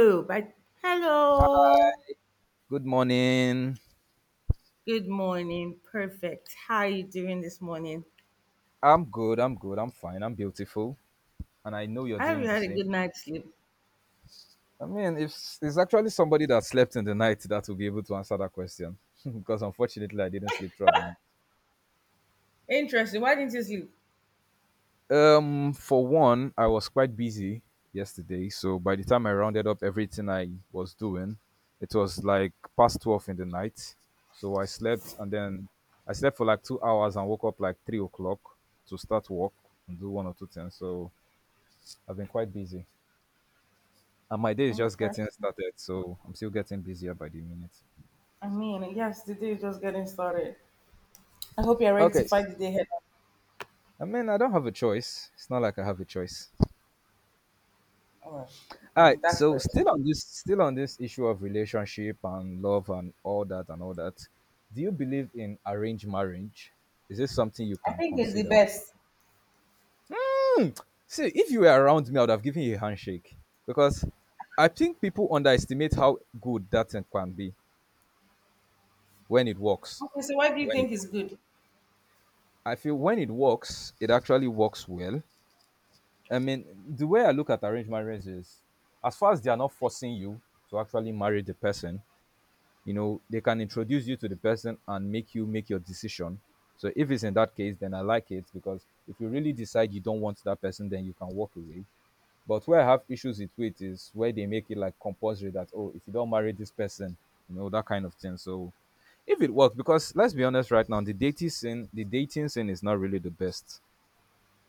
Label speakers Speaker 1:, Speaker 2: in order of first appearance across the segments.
Speaker 1: Oh, but hello.
Speaker 2: Good morning.
Speaker 1: Good morning. Perfect. How are you doing this morning?
Speaker 2: I'm good. I'm good. I'm fine. I'm beautiful. And I know you're
Speaker 1: I hope
Speaker 2: doing
Speaker 1: you
Speaker 2: the
Speaker 1: had a
Speaker 2: same.
Speaker 1: good night's sleep.
Speaker 2: I mean, if s- it's actually somebody that slept in the night that will be able to answer that question, because unfortunately I didn't sleep throughout the night.
Speaker 1: Interesting. Why didn't you sleep?
Speaker 2: For one, I was quite busy yesterday, so by the time I rounded up everything I was doing, it was like past 12 in the night. So I slept, and then I slept for like 2 hours and woke up like 3 o'clock to start work and do one or two things. So I've been quite busy, and my day is
Speaker 1: Mm.
Speaker 2: just getting
Speaker 1: First,
Speaker 2: started, so I'm still getting busier by the minute.
Speaker 1: I mean, yes, the day is just getting started. I hope you're ready to
Speaker 2: Okay.
Speaker 1: fight the day ahead.
Speaker 2: I mean, I don't have a choice. It's not like I have a choice.
Speaker 1: Oh,
Speaker 2: All right,
Speaker 1: that's
Speaker 2: so
Speaker 1: perfect.
Speaker 2: still on this issue of relationship and love and all that and all that. Do you believe in arranged marriage? Is this something you
Speaker 1: I
Speaker 2: can
Speaker 1: think it's the
Speaker 2: consider?
Speaker 1: best.
Speaker 2: See, if you were around me, I would have given you a handshake because I think people underestimate how good that thing can be when it works.
Speaker 1: Okay, so why do you
Speaker 2: When it,
Speaker 1: think it's good?
Speaker 2: I feel when it works, it actually works well. I mean, the way I look at arranged marriage is, as far as they are not forcing you to actually marry the person, you know, they can introduce you to the person and make you make your decision. So if it's in that case, then I like it, because if you really decide you don't want that person, then you can walk away. But where I have issues with it is where they make it like compulsory that, oh, if you don't marry this person, you know, that kind of thing. So if it works, because let's be honest, right now, the dating scene is not really the best.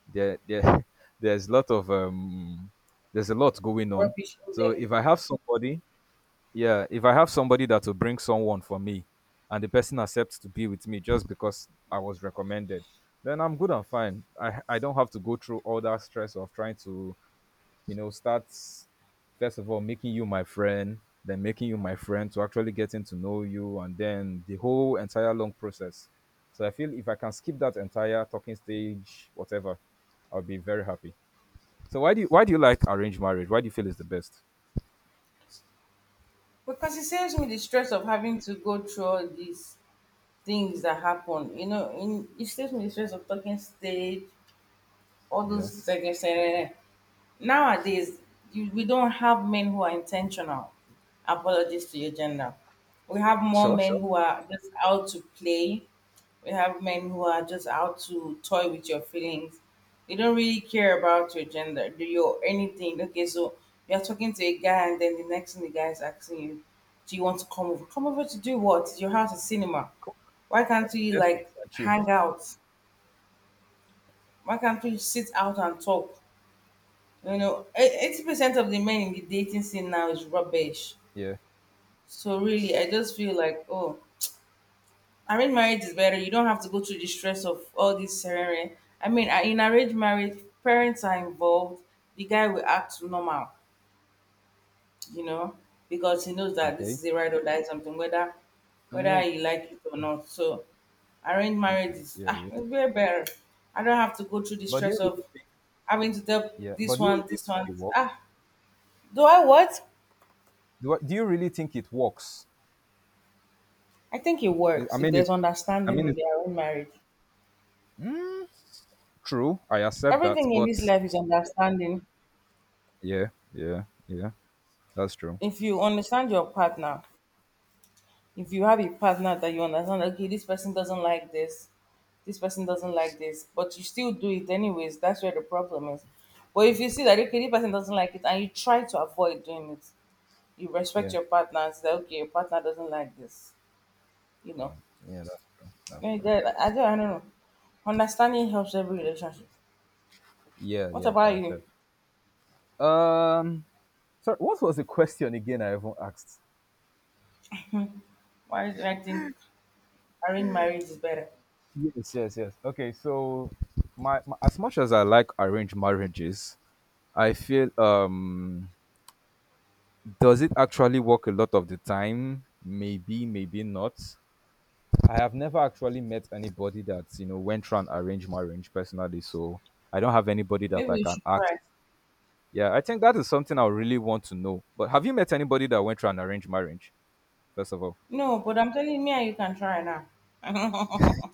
Speaker 2: There, there's a lot of um there's a lot going on.
Speaker 1: Rubbish in
Speaker 2: So
Speaker 1: there.
Speaker 2: if I have somebody, yeah, if I have somebody that will bring someone for me, and the person accepts to be with me just because I was recommended, then I'm good and fine. I don't have to go through all that stress of trying to, you know, start. First of all, making you my friend, then making you my friend to actually getting to know you, and then the whole entire long process. So I feel if I can skip that entire talking stage, whatever, I'll be very happy. So why do you like arranged marriage? Why do you feel it's the best?
Speaker 1: Because it saves me the stress of having to go through all these things that happen. It saves me the stress of talking stage, all
Speaker 2: Yeah.
Speaker 1: those second. Nowadays, we don't have men who are intentional, apologies to your gender. We have more
Speaker 2: Sure,
Speaker 1: men
Speaker 2: sure.
Speaker 1: who are just out to play. We have men who are just out to toy with your feelings. They don't really care about your gender, do you anything. Okay, so you're talking to a guy, and then the next thing the guy is asking you, do you want to come over? Come over to do what? Is your house a cinema?
Speaker 2: Cool.
Speaker 1: Why can't we
Speaker 2: Netflix
Speaker 1: like
Speaker 2: and chill.
Speaker 1: hang out? Why can't we sit out and talk? You know, 80% of the men in the dating scene now is rubbish.
Speaker 2: Yeah.
Speaker 1: So really, I just feel like, oh, arranged marriage is better. You don't have to go through the stress of all this ceremony. I mean, in arranged marriage, parents are involved. The guy will act normal, you know, because he knows that this
Speaker 2: Okay.
Speaker 1: is a ride or die something, whether
Speaker 2: I
Speaker 1: whether
Speaker 2: mean,
Speaker 1: he like it or not. So arranged marriage is
Speaker 2: yeah,
Speaker 1: ah,
Speaker 2: yeah.
Speaker 1: it's way better. I don't have to go through the
Speaker 2: But do you
Speaker 1: stress of
Speaker 2: really think?
Speaker 1: having to tell
Speaker 2: Yeah.
Speaker 1: this
Speaker 2: But do you really
Speaker 1: one,
Speaker 2: think
Speaker 1: this one.
Speaker 2: it works?
Speaker 1: Ah, do I what?
Speaker 2: Do you really think it works?
Speaker 1: I think it
Speaker 2: I
Speaker 1: works if
Speaker 2: mean,
Speaker 1: there's
Speaker 2: it's, I
Speaker 1: understanding
Speaker 2: mean,
Speaker 1: in
Speaker 2: it's
Speaker 1: their own marriage.
Speaker 2: true. I accept that,
Speaker 1: Everything in
Speaker 2: but
Speaker 1: this life is understanding.
Speaker 2: yeah, yeah, yeah. That's true.
Speaker 1: If you understand your partner, if you have a partner that you understand, okay, this person doesn't like this person doesn't like this, but you still do it anyways, that's where the problem is. But if you see that, okay, this person doesn't like it and you try to avoid doing it, you respect
Speaker 2: Yeah,
Speaker 1: your partner and say, okay, your partner doesn't like this, you know.
Speaker 2: uh, yeah, that's true. That's
Speaker 1: Eh,
Speaker 2: true.
Speaker 1: that- I don't know. Understanding helps every relationship.
Speaker 2: Yeah,
Speaker 1: What
Speaker 2: yeah.
Speaker 1: about
Speaker 2: I
Speaker 1: you?
Speaker 2: said. Um, Sorry, what was the question again? I even asked.
Speaker 1: Why do I think arranged marriage is better.
Speaker 2: Yes, yes, yes. Okay, so my as much as I like arranged marriages, I feel, does it actually work a lot of the time? Maybe, maybe not. I have never actually met anybody that went through an arranged marriage personally, so I don't have anybody that
Speaker 1: Maybe
Speaker 2: I
Speaker 1: you
Speaker 2: can
Speaker 1: should
Speaker 2: ask.
Speaker 1: try.
Speaker 2: Yeah, I think that is something I really want to know. But have you met anybody that went through an arranged marriage? First of all,
Speaker 1: No, but I'm telling you, me and you can try now.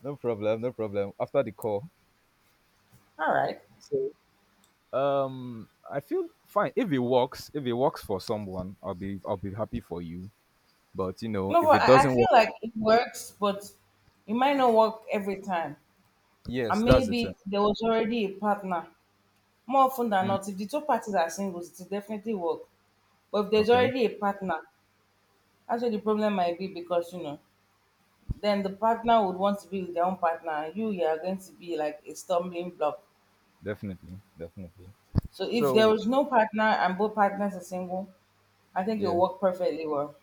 Speaker 2: no problem, no problem. After the call,
Speaker 1: All right.
Speaker 2: so, I feel fine if it works. If it works for someone, I'll be happy for you. But you know,
Speaker 1: No,
Speaker 2: if
Speaker 1: but
Speaker 2: it
Speaker 1: I
Speaker 2: doesn't
Speaker 1: feel
Speaker 2: work,
Speaker 1: like it works, but it might not work every time.
Speaker 2: yes,
Speaker 1: And
Speaker 2: that's
Speaker 1: maybe
Speaker 2: it.
Speaker 1: there was already a partner. More often than
Speaker 2: Mm.
Speaker 1: not, if the two parties are singles, it will definitely work. But if there's
Speaker 2: Okay,
Speaker 1: already a partner, that's where the problem might be because, you know, then the partner would want to be with their own partner, and you are going to be like a stumbling block.
Speaker 2: definitely, definitely.
Speaker 1: So if there
Speaker 2: So
Speaker 1: is no partner and both partners are single, I think
Speaker 2: yeah,
Speaker 1: it'll work perfectly well.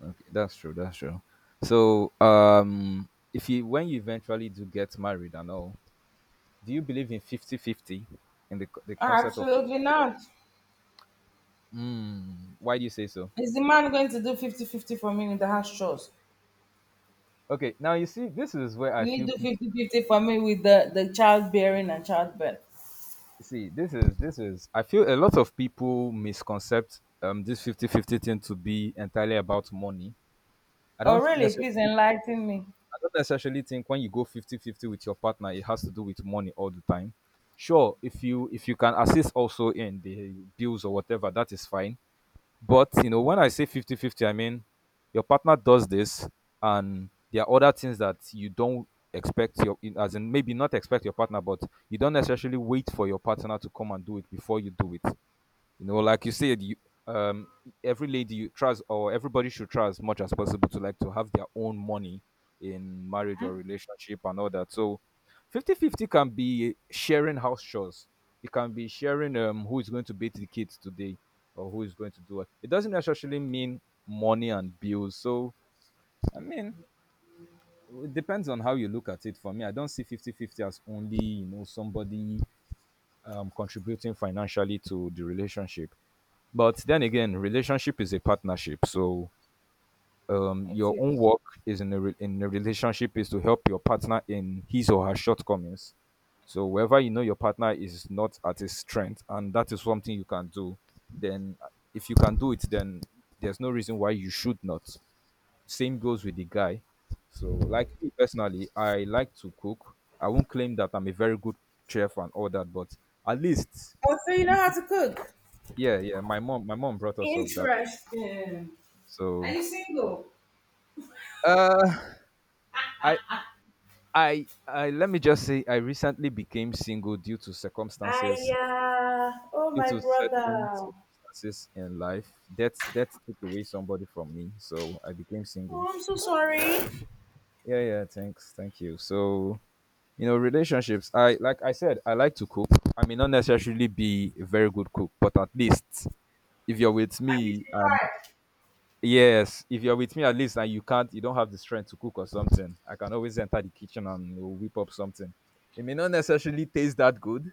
Speaker 2: okay, that's true, that's true. So, if you when you eventually do get married and all, do you believe in 50 50 in the co- the
Speaker 1: Ah,
Speaker 2: concept of...
Speaker 1: absolutely not.
Speaker 2: Mm, why do you say so?
Speaker 1: Is the man going to do 50-50 for me with the house chores?
Speaker 2: Okay, now you see, this is where
Speaker 1: Will
Speaker 2: I
Speaker 1: he
Speaker 2: feel
Speaker 1: do
Speaker 2: people
Speaker 1: 50-50 for me with the childbearing and childbirth?
Speaker 2: see this is, I feel, a lot of people misconcept this 50-fifty 50 thing to be entirely about money. I
Speaker 1: Oh,
Speaker 2: don't
Speaker 1: really? Please
Speaker 2: necessarily
Speaker 1: enlighten me.
Speaker 2: I don't necessarily think when you go 50-50 with your partner it has to do with money all the time. Sure, if you can assist also in the bills or whatever, that is fine. But you know, when I say 50-50, I mean your partner does this, and there are other things that you don't expect your as in, maybe not expect your partner, but you don't necessarily wait for your partner to come and do it before you do it. You know, like you said, you um every lady you trust, or everybody should try as much as possible to, like, to have their own money in marriage or relationship and all that. So 50-50 can be sharing house chores. It can be sharing, who is going to bathe the kids today or who is going to do it. It doesn't necessarily mean money and bills. So, I mean, it depends on how you look at it. For me, I don't see 50-50 as only, somebody contributing financially to the relationship. But then again, relationship is a partnership. So,
Speaker 1: That's
Speaker 2: your
Speaker 1: it.
Speaker 2: own work is in a relationship is to help your partner in his or her shortcomings. So wherever you know your partner is not at his strength, and that is something you can do, then, if you can do it, then there's no reason why you should not. Same goes with the guy. So, like, me personally, I like to cook. I won't claim that I'm a very good chef and all that, but at least...
Speaker 1: Oh, so you know how to cook?
Speaker 2: Yeah, yeah. My mom brought us up that.
Speaker 1: Interesting. Are
Speaker 2: So,
Speaker 1: you single?
Speaker 2: uh, I, I. Let me just say, I recently became single due to
Speaker 1: I,
Speaker 2: circumstances,
Speaker 1: oh,
Speaker 2: due
Speaker 1: my
Speaker 2: to certain
Speaker 1: brother.
Speaker 2: circumstances in life. That took away somebody from me, so I became single.
Speaker 1: Oh, I'm so sorry. I
Speaker 2: Yeah, yeah. Thanks, thank you. So, relationships. I like I said, I like to cook. I may not necessarily be a very good cook, but at least if you're with
Speaker 1: need
Speaker 2: me
Speaker 1: to
Speaker 2: and...
Speaker 1: try.
Speaker 2: Yes, if you're with me, at least, and you don't have the strength to cook or something, I can always enter the kitchen and whip up something. It may not necessarily taste that good.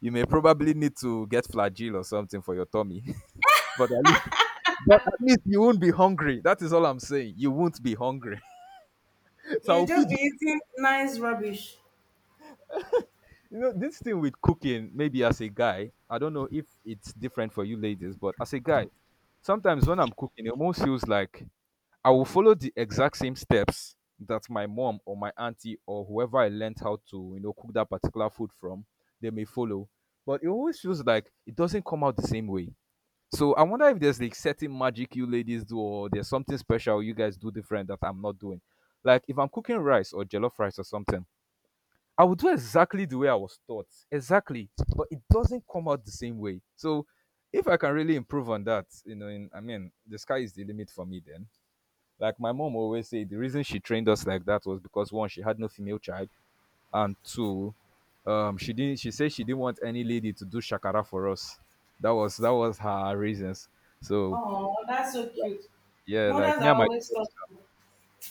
Speaker 2: You may probably need to get flagyl or something for your tummy, but at least, you won't be hungry. That is all I'm saying. You won't be hungry. So
Speaker 1: You
Speaker 2: I'll
Speaker 1: just
Speaker 2: feed
Speaker 1: be
Speaker 2: you.
Speaker 1: eating nice rubbish.
Speaker 2: You know, this thing with cooking, maybe as a guy, I don't know if it's different for you ladies, but as a guy, sometimes when I'm cooking, it almost feels like I will follow the exact same steps that my mom or my auntie or whoever I learned how to, you know, cook that particular food from, they may follow. But it always feels like it doesn't come out the same way. So I wonder if there's like certain magic you ladies do, or there's something special you guys do different that I'm not doing. Like if I'm cooking rice or jollof rice or something, I will do exactly the way I was taught. Exactly. But it doesn't come out the same way. So if I can really improve on that, you know, I mean, the sky is the limit for me. Then, like my mom always say, the reason she trained us like that was because, one, she had no female child, and two, she said she didn't want any lady to do shakara for us. That was her reasons. So,
Speaker 1: Oh, that's so cute.
Speaker 2: yeah, like
Speaker 1: Mothers
Speaker 2: me
Speaker 1: are
Speaker 2: and my
Speaker 1: always thoughtful.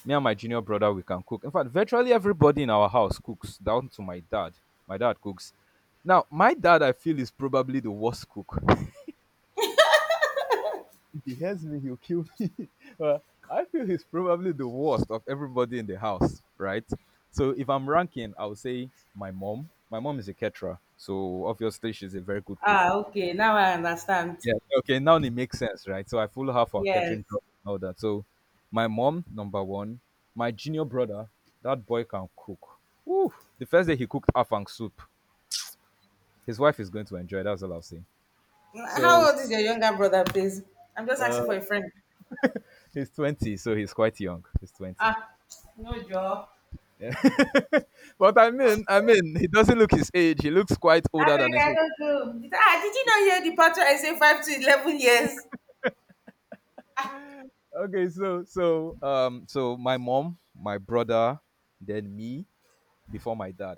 Speaker 2: me and my junior brother, we can cook. In fact, virtually everybody in our house cooks, down to my dad. My dad cooks. Now, my dad, I feel, is probably the worst cook. If he hears me, he'll kill me. Well, I feel he's probably the worst of everybody in the house, right? So if I'm ranking, I would say my mom. My mom is a caterer, so obviously she's a very good cook.
Speaker 1: Ah, okay. Now I understand.
Speaker 2: Yeah. Okay, now it makes sense, right? So I follow her for
Speaker 1: Yes.
Speaker 2: catching job and all that. So, my mom, number one. My junior brother, that boy can cook. Woo! The first day he cooked afang soup. His wife is going to enjoy. That's all I'll say.
Speaker 1: How
Speaker 2: So,
Speaker 1: old is your younger brother, please? I'm just asking for
Speaker 2: uh,
Speaker 1: a friend.
Speaker 2: he's 20, so he's quite young. He's 20.
Speaker 1: Ah, no job.
Speaker 2: Yeah. But I mean, he doesn't look his age. He looks quite
Speaker 1: I
Speaker 2: older
Speaker 1: beg,
Speaker 2: than his
Speaker 1: I
Speaker 2: age.
Speaker 1: don't do. Ah, did you not hear the pattern I say 5 to 11 years?
Speaker 2: Okay, so my mom, my brother, then me, before my dad.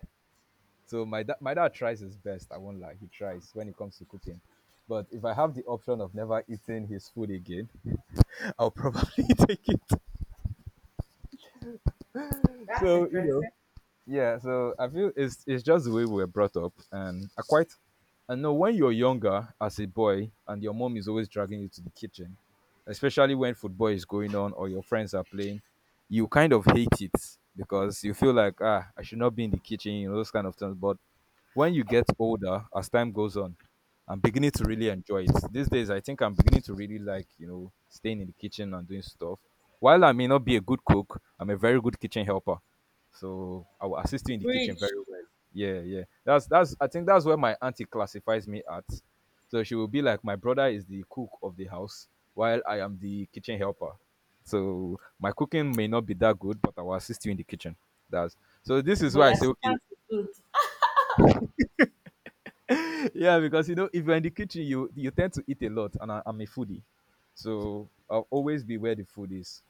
Speaker 2: So my dad tries his best. I won't lie, he tries when it comes to cooking. But if I have the option of never eating his food again, I'll probably take it.
Speaker 1: That's
Speaker 2: So you know,
Speaker 1: interesting.
Speaker 2: yeah, so I feel it's just the way we were brought up, and I know, when you're younger as a boy and your mom is always dragging you to the kitchen, especially when football is going on or your friends are playing, you kind of hate it because you feel like, ah, I should not be in the kitchen, those kind of things. But when you get older, as time goes on, I'm beginning to really enjoy it these days. I think I'm beginning to really like staying in the kitchen and doing stuff. While I may not be a good cook, I'm a very good kitchen helper, so I will assist you in the kitchen
Speaker 1: Preach.
Speaker 2: very well. Yeah, yeah. That's I think that's where my auntie classifies me at. So she will be like, my brother is the cook of the house, while I am the kitchen helper. So my cooking may not be that good, but I will assist you in the kitchen. That's So this is
Speaker 1: But
Speaker 2: why I
Speaker 1: your
Speaker 2: say, okay.
Speaker 1: stance is good.
Speaker 2: Yeah, because if you're in the kitchen, you tend to eat a lot, and I'm a foodie. So I'll always be where the food is.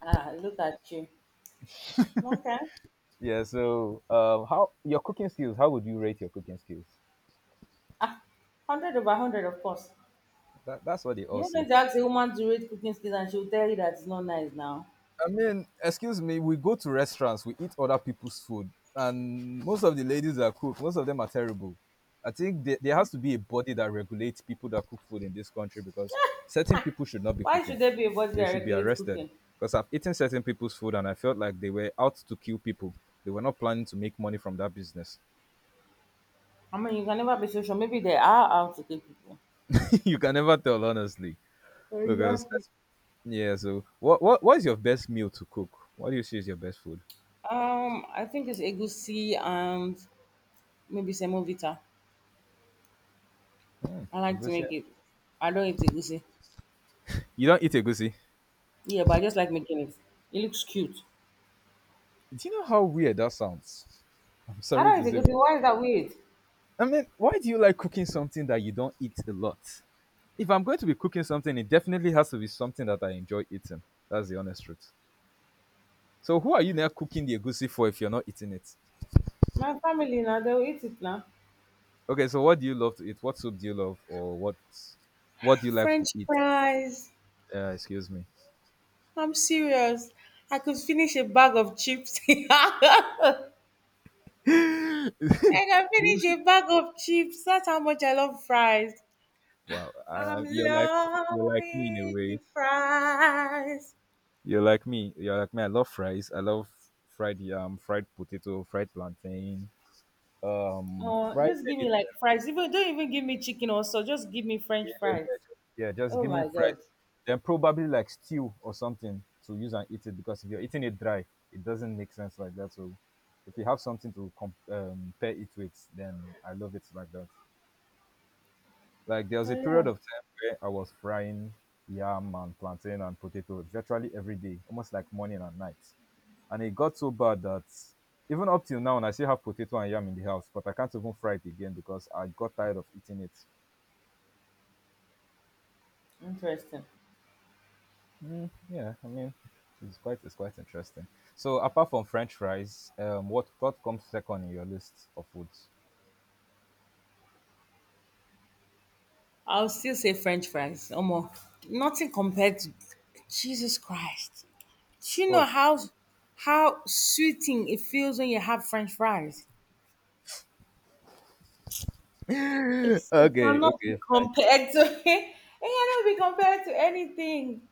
Speaker 1: Ah, look at you. Okay.
Speaker 2: Yeah, so how would you rate your cooking skills?
Speaker 1: Ah, 100 over 100, of course.
Speaker 2: That's what they all
Speaker 1: You're going
Speaker 2: say.
Speaker 1: to ask a woman to rate cooking skills and she'll tell you that it's not nice now.
Speaker 2: I mean, excuse me, we go to restaurants, we eat other people's food, and most of the ladies that cook, most of them are terrible. I think there has to be a body that regulates people that cook food in this country, because certain people should not be
Speaker 1: Why should
Speaker 2: cooking.
Speaker 1: there be a body that
Speaker 2: They should be
Speaker 1: regulates
Speaker 2: arrested,
Speaker 1: cooking?
Speaker 2: because I've eaten certain people's food and I felt like they were out to kill people. They were not planning to make money from that business.
Speaker 1: I mean, you can never be so sure. Maybe there are how to cook people.
Speaker 2: You can never tell, honestly, because
Speaker 1: Exactly.
Speaker 2: that's, yeah. So, what is your best meal to cook? What do you see is your best food?
Speaker 1: I think it's egusi and maybe semovita. I like to
Speaker 2: Egusi.
Speaker 1: make it. I don't eat egusi.
Speaker 2: You don't eat egusi.
Speaker 1: Yeah, but I just like making it. It looks cute.
Speaker 2: Do you know how weird that sounds? I'm
Speaker 1: I
Speaker 2: sorry
Speaker 1: don't
Speaker 2: to
Speaker 1: eat
Speaker 2: say,
Speaker 1: egusi.
Speaker 2: but
Speaker 1: Why is that weird?
Speaker 2: I mean, why do you like cooking something that you don't eat a lot? If I'm going to be cooking something, it definitely has to be something that I enjoy eating. That's the honest truth. So, who are you now cooking the egusi for if you're not eating it?
Speaker 1: My family now they'll eat it now.
Speaker 2: Okay, so what do you love to eat? What soup do you love, or what do you like to
Speaker 1: French
Speaker 2: eat?
Speaker 1: fries.
Speaker 2: Excuse me.
Speaker 1: I'm serious. I could finish a bag of chips. I can finish a bag of chips. That's how much I love fries.
Speaker 2: Wow.
Speaker 1: I'm
Speaker 2: You're like me in a
Speaker 1: loving the
Speaker 2: way.
Speaker 1: fries.
Speaker 2: You're like me. You're like me. I love fries. I love fried yam, fried potato, fried plantain,
Speaker 1: Oh,
Speaker 2: fried
Speaker 1: just give me like
Speaker 2: anything.
Speaker 1: fries. Even don't even give me chicken also. Just give me French
Speaker 2: Yeah, yeah,
Speaker 1: fries.
Speaker 2: yeah, just
Speaker 1: Oh
Speaker 2: give me
Speaker 1: my
Speaker 2: fried,
Speaker 1: god.
Speaker 2: then probably like stew or something to use and eat it, because if you're eating it dry, it doesn't make sense like that. So if you have something to pair it with, then I love it like that. Like there was
Speaker 1: Oh
Speaker 2: a period
Speaker 1: yeah.
Speaker 2: of time where I was frying yam and plantain and potato virtually every day, almost like morning and night. And it got so bad that, even up till now, and I still have potato and yam in the house, but I can't even fry it again because I got tired of eating it.
Speaker 1: Interesting.
Speaker 2: Mm, yeah, I mean, it's quite interesting. So apart from French fries, what comes second in your list of foods?
Speaker 1: I'll still say French fries. Almost nothing compared to Jesus Christ. Do you know
Speaker 2: What?
Speaker 1: how sweeting it feels when you have French fries? It's it
Speaker 2: Okay,
Speaker 1: cannot be
Speaker 2: okay, fine.
Speaker 1: compared to it cannot be compared to anything.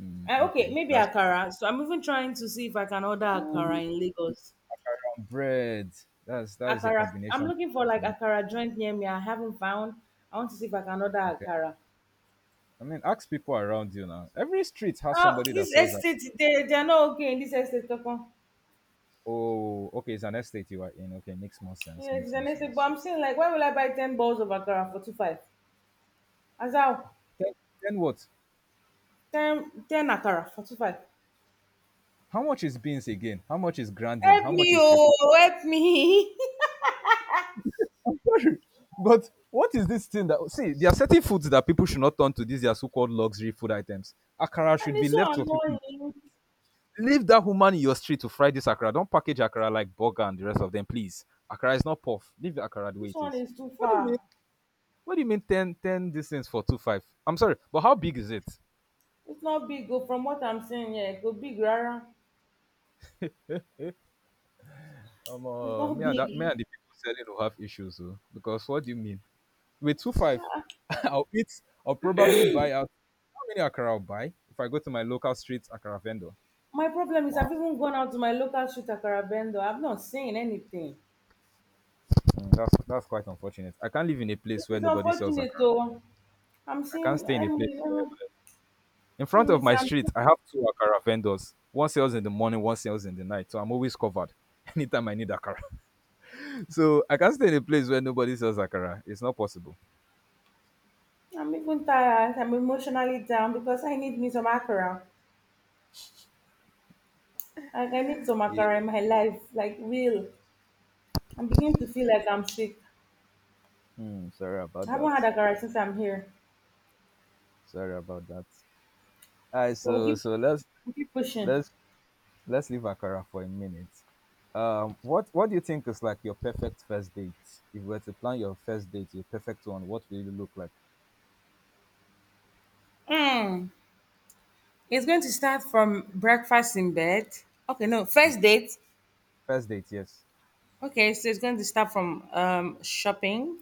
Speaker 2: Mm,
Speaker 1: Okay,
Speaker 2: okay,
Speaker 1: maybe
Speaker 2: that's
Speaker 1: akara. So I'm even trying to see if I can order akara in Lagos.
Speaker 2: bread. That's a
Speaker 1: Akara. I'm
Speaker 2: combination.
Speaker 1: looking for like
Speaker 2: Mm,
Speaker 1: akara joint near me. I haven't found. I want to see if I can order
Speaker 2: okay,
Speaker 1: akara.
Speaker 2: I mean, ask people around you now. Every street has
Speaker 1: Oh,
Speaker 2: somebody that
Speaker 1: this
Speaker 2: sells that.
Speaker 1: estate, they are not okay in this estate. Kakon.
Speaker 2: Oh, okay, it's an estate you are in. Okay, makes more sense.
Speaker 1: Yeah, it's
Speaker 2: Makes more
Speaker 1: an estate,
Speaker 2: sense.
Speaker 1: but I'm saying like, why will I buy 10 balls of akara for two five? As how
Speaker 2: Then, then what?
Speaker 1: ten ten akara for two five.
Speaker 2: How much is beans again? How much is grandin?
Speaker 1: Help
Speaker 2: How much
Speaker 1: me,
Speaker 2: is cream?
Speaker 1: oh, help me.
Speaker 2: I'm sorry. But what is this thing, that, see, they are certain foods that people should not turn to these, their so-called luxury food items. Akara
Speaker 1: And
Speaker 2: should be
Speaker 1: it's so
Speaker 2: left for people.
Speaker 1: annoying.
Speaker 2: Leave that woman in your street to fry this akara. Don't package akara like burger and the rest of them, please. Akara is not puff. Leave the akara the way
Speaker 1: This
Speaker 2: it
Speaker 1: one
Speaker 2: is.
Speaker 1: is too
Speaker 2: What do you mean?
Speaker 1: far.
Speaker 2: What do you mean, ten, ten, 10 these things for 25? I'm sorry, but how big is it?
Speaker 1: It's not big. Go from what I'm saying, yeah, it go big rara.
Speaker 2: Um,
Speaker 1: It's
Speaker 2: uh,
Speaker 1: not
Speaker 2: me and that me
Speaker 1: big.
Speaker 2: and the people selling will have issues, though, because what do you mean? With 25, I'll eat. I'll probably buy out. How many akara I'll buy if I go to my local street akara vendor?
Speaker 1: My problem is I've
Speaker 2: Wow.
Speaker 1: even gone out to my local street akara vendor. I've not seen anything.
Speaker 2: Mm, that's quite unfortunate. I can't live in a
Speaker 1: It
Speaker 2: place where
Speaker 1: is
Speaker 2: nobody sells
Speaker 1: unfortunate
Speaker 2: akara.
Speaker 1: though. I'm
Speaker 2: I can't
Speaker 1: seeing
Speaker 2: stay
Speaker 1: I
Speaker 2: in a
Speaker 1: mean
Speaker 2: place
Speaker 1: let
Speaker 2: where.
Speaker 1: me
Speaker 2: In
Speaker 1: let
Speaker 2: front
Speaker 1: me
Speaker 2: of
Speaker 1: see
Speaker 2: my
Speaker 1: I'm
Speaker 2: street, I have two akara vendors. One sells in the morning, one sells in the night. So I'm always covered anytime I need akara. So I can't stay in a place where nobody sells akara. It's not possible.
Speaker 1: I'm even tired. I'm emotionally down because I need me some akara. Like I need some
Speaker 2: Yeah.
Speaker 1: akara in my life, like real. I'm beginning to feel like I'm sick.
Speaker 2: Hmm, sorry
Speaker 1: I
Speaker 2: about that.
Speaker 1: haven't had akara since I'm here.
Speaker 2: Sorry about that. All right,
Speaker 1: But we'll
Speaker 2: so
Speaker 1: keep
Speaker 2: so
Speaker 1: we'll keep pushing.
Speaker 2: let's Let's leave Akara for a minute. What do you think is like your perfect first date? If you were to plan your first date, your perfect one, what will you look like?
Speaker 1: Mm. It's going to start from breakfast in bed. Okay, no, first
Speaker 2: Okay.
Speaker 1: date.
Speaker 2: First date, yes.
Speaker 1: Okay, so it's going to start from shopping.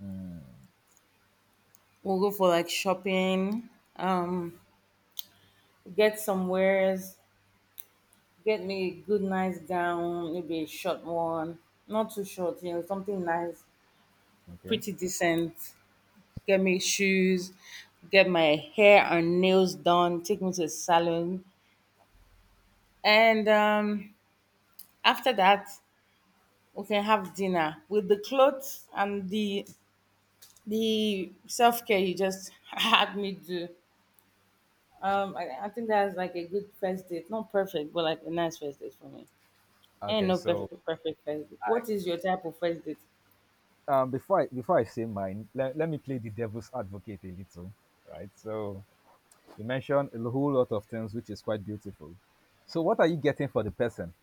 Speaker 2: Mm,
Speaker 1: We'll go for like shopping, um, get some wares, get me a good nice gown, maybe a short one, not too short, you know, something nice,
Speaker 2: okay.
Speaker 1: pretty decent. Get me shoes, get my hair and nails done, take me to the salon, and after that we can have dinner with the clothes and the self care you just had me do. I think that's like a good first date. Not perfect, but like a nice first date for me. Ain't
Speaker 2: Okay.
Speaker 1: no perfect
Speaker 2: So,
Speaker 1: perfect first date. What is your type of first date?
Speaker 2: before I say mine, let me play the devil's advocate a little, right? So, you mentioned a whole lot of things, which is quite beautiful. So what are you getting for the person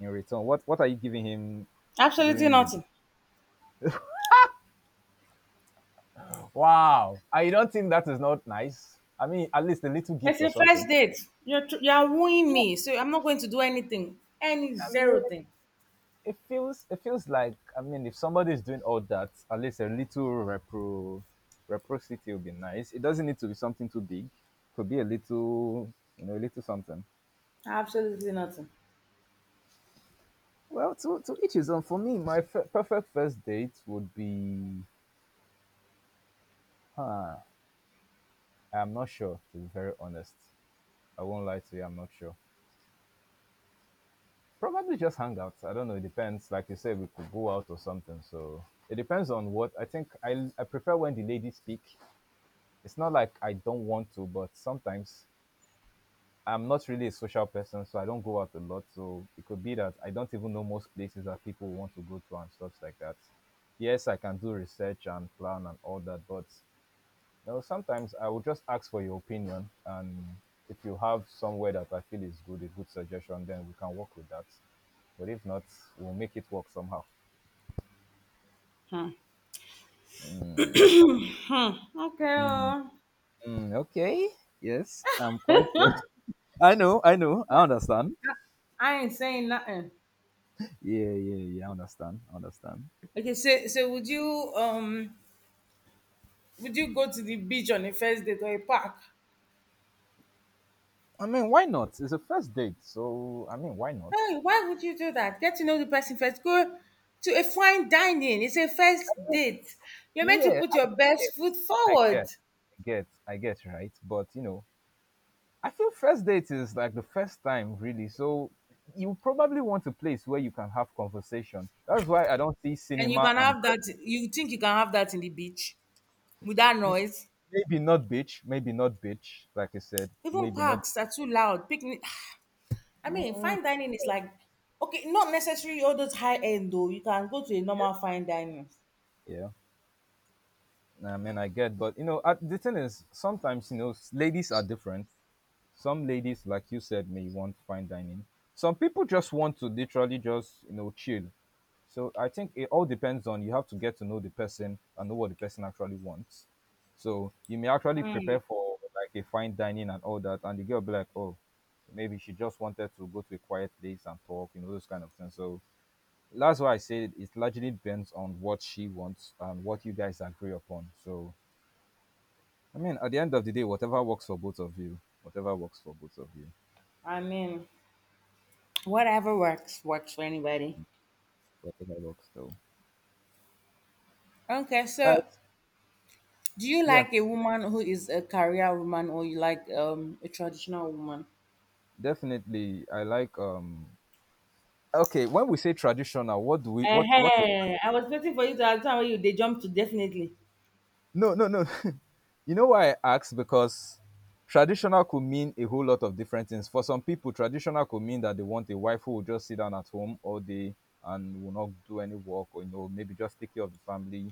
Speaker 2: in return? What are you giving him
Speaker 1: Absolutely
Speaker 2: during the—
Speaker 1: nothing.
Speaker 2: Wow. I don't think. That is not nice. I mean, at least a little
Speaker 1: It's
Speaker 2: gift or
Speaker 1: a
Speaker 2: something.
Speaker 1: first date. You're wooing me, so I'm not going to do anything, any
Speaker 2: I mean,
Speaker 1: zero thing.
Speaker 2: it feels like, I mean, if somebody is doing all that, at least a little repro reciprocity would be nice. It doesn't need to be something too big. Could be a little, a little something.
Speaker 1: Absolutely nothing.
Speaker 2: Well, to each his own. For me, my perfect first date would be— huh? I'm not sure. To be very honest, I won't lie to you. I'm not sure. Probably just hang out. I don't know. It depends. Like you said, we could go out or something. So it depends on what I think. I prefer when the ladies speak. It's not like I don't want to, but sometimes I'm not really a social person, so I don't go out a lot. So it could be that I don't even know most places that people want to go to and stuff like that. Yes, I can do research and plan and all that, but sometimes I will just ask for your opinion, and if you have somewhere that I feel is good, a good suggestion, then we can work with that. But if not, we'll make it work somehow.
Speaker 1: Hmm. Okay,
Speaker 2: Mm,
Speaker 1: oh,
Speaker 2: mm, okay. Yes, I'm quite. I know, I know, I understand.
Speaker 1: I ain't saying nothing.
Speaker 2: Yeah, yeah, yeah, I understand, I understand.
Speaker 1: Okay, so would you go to the beach on a first date or a park?
Speaker 2: I mean, why not? It's a first date, so I mean, why not?
Speaker 1: Hey, why would you do that? Get to know the person first. Go to a fine dining. It's a first date. You're meant to
Speaker 2: Yeah,
Speaker 1: put
Speaker 2: I
Speaker 1: your
Speaker 2: get,
Speaker 1: best foot
Speaker 2: I
Speaker 1: forward.
Speaker 2: get, I get, I get, right? But you know, I feel first date is like the first time, really. So you probably want a place where you can have conversation. That's why I don't see
Speaker 1: And you
Speaker 2: cinema
Speaker 1: can
Speaker 2: and
Speaker 1: have
Speaker 2: bre—
Speaker 1: that. You think you can have that in the beach with that noise?
Speaker 2: maybe not beach, like I said,
Speaker 1: Even
Speaker 2: maybe not—
Speaker 1: parks are too loud. Picnic. I mean,
Speaker 2: Mm,
Speaker 1: fine dining is like, okay, not necessarily all those high end though. You can go to a normal fine dining.
Speaker 2: yeah, I mean, I get, but you know, the thing is, sometimes, ladies are different. Some ladies, like you said, may want fine dining. Some people just want to literally just chill. So I think it all depends on, you have to get to know the person and know what the person actually wants. So you may actually prepare for like a fine dining and all that, and the girl be like, oh, maybe she just wanted to go to a quiet place and talk, those kind of things. So that's why I said it largely depends on what she wants and what you guys agree upon. So, I mean, at the end of the day, whatever works for both of you, whatever works for both of you,
Speaker 1: I mean, whatever works, works for anybody.
Speaker 2: whatever works though.
Speaker 1: Okay,
Speaker 2: Uh,
Speaker 1: so do you
Speaker 2: yeah,
Speaker 1: like a woman who is a career woman or you like a traditional woman?
Speaker 2: definitely. I like. Okay, when we say traditional, what do we what
Speaker 1: Ehen, I was waiting for you to answer when you they jump to definitely.
Speaker 2: No, no, no. You know why I ask? Because traditional could mean a whole lot of different things. For some people, traditional could mean that they want a wife who will just sit down at home all day and will not do any work, or maybe just take care of the family.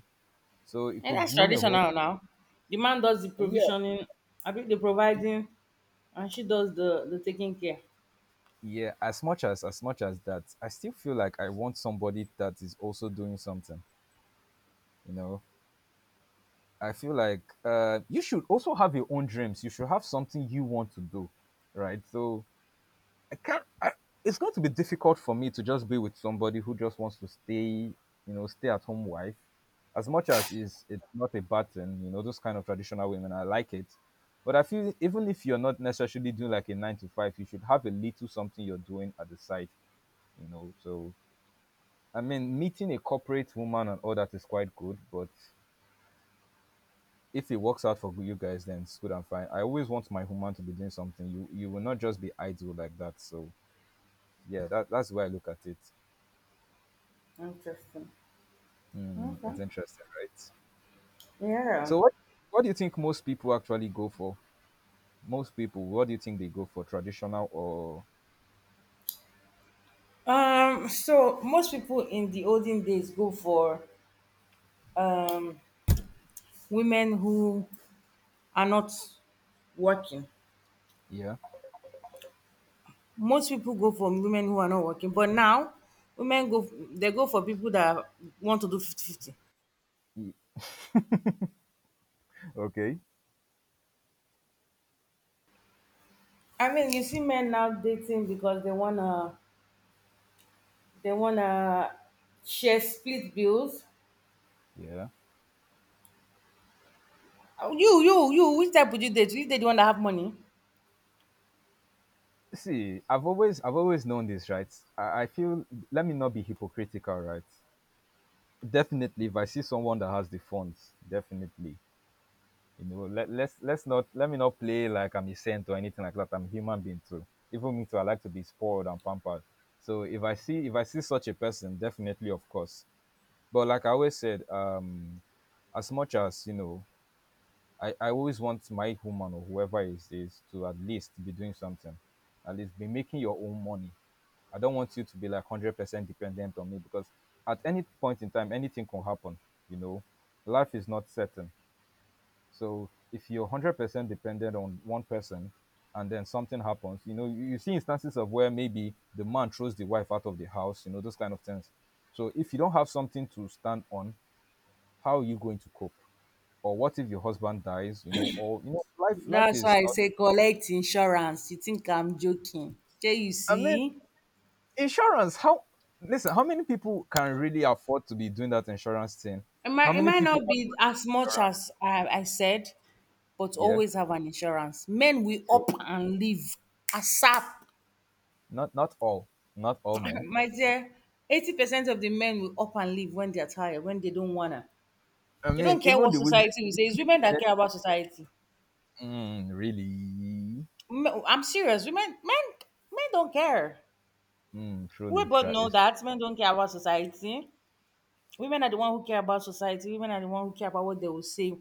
Speaker 2: So it
Speaker 1: And
Speaker 2: could
Speaker 1: that's
Speaker 2: mean a whole—
Speaker 1: traditional now. The man does the
Speaker 2: yeah.
Speaker 1: provisioning, I think the providing, and she does the taking care.
Speaker 2: Yeah, as much as that, I still feel like I want somebody that is also doing something, you know. I feel like you should also have your own dreams. You should have something you want to do, right? So can I, it's going to be difficult for me to just be with somebody who just wants to stay, stay at home wife. As much as is it's not a bad thing, those kind of traditional women, I like it. But I feel, even if you're not necessarily doing like a nine to five, you should have a little something you're doing at the side, you know. So I mean, meeting a corporate woman and all that is quite good, but if it works out for you guys, then it's good and fine. I always want my woman to be doing something. You will not just be idle like that. So yeah, that's the way I look at it.
Speaker 1: Interesting.
Speaker 2: Mm, it's
Speaker 1: Okay.
Speaker 2: interesting, right?
Speaker 1: Yeah.
Speaker 2: So what do you think most people actually go for? Most people, what do you think they go for? Traditional or—
Speaker 1: So most people in the olden days go for um women who are not working.
Speaker 2: yeah?
Speaker 1: Most people go for women who are not working, but now women go they go for people that want to do 50-50.
Speaker 2: E- Okay.
Speaker 1: I mean, you see men now dating because they wanna share split bills.
Speaker 2: Yeah.
Speaker 1: Oh, which type would you date? You date the one that have money?
Speaker 2: See, I've always known this, right? I feel, let me not be hypocritical, right? Definitely, if I see someone that has the funds, definitely. You know, let me not play like I'm a saint or anything like that. I'm a human being too. Even me too, I like to be spoiled and pampered. So if I see such a person, definitely, of course. But like I always said, as much as, I always want my woman or whoever it is to at least be doing something, at least be making your own money. I don't want you to be like 100% dependent on me, because at any point in time, anything can happen. You know, life is not certain. So if you're 100% dependent on one person, and then something happens, you see instances of where maybe the man throws the wife out of the house. You know, those kind of things. So if you don't have something to stand on, how are you going to cope? Or what if your husband dies? You know. Or life
Speaker 1: That's why
Speaker 2: is
Speaker 1: I
Speaker 2: not—
Speaker 1: say collect insurance. You think I'm joking? Okay, you
Speaker 2: I mean,
Speaker 1: see?
Speaker 2: insurance. How Listen? How many people can really afford to be doing that insurance thing? How
Speaker 1: It
Speaker 2: many
Speaker 1: might
Speaker 2: people?
Speaker 1: not
Speaker 2: Afford—
Speaker 1: be as much as I said, but
Speaker 2: Yeah,
Speaker 1: always have an insurance. Men will
Speaker 2: true.
Speaker 1: up and leave ASAP.
Speaker 2: Not all. Not all men.
Speaker 1: My dear, 80% of the men will up and leave when they're tired, when they don't wanna.
Speaker 2: I
Speaker 1: They
Speaker 2: mean,
Speaker 1: don't care
Speaker 2: even
Speaker 1: what
Speaker 2: the women.
Speaker 1: society will say.
Speaker 2: Even
Speaker 1: It's
Speaker 2: the
Speaker 1: women that
Speaker 2: women.
Speaker 1: care about society.
Speaker 2: Mm, really.
Speaker 1: M- I'm serious. Women, men don't care.
Speaker 2: Mm,
Speaker 1: We
Speaker 2: truly,
Speaker 1: both
Speaker 2: sure,
Speaker 1: know
Speaker 2: it's true.
Speaker 1: that men don't care about society. Women are the one who care about society. Women are the one who care about what they will say,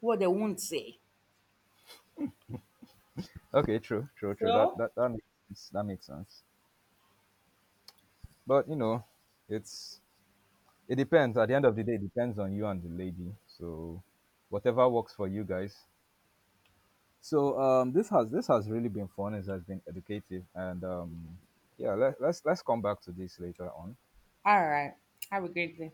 Speaker 1: what they won't say.
Speaker 2: Okay, true, true, true. That
Speaker 1: So,
Speaker 2: that that makes sense. That makes sense. But you know, it's it depends. At the end of the day, it depends on you and the lady. So whatever works for you guys. So, this has really been fun. It has been educative, and yeah, let's come back to this later on.
Speaker 1: all right. Have a great day.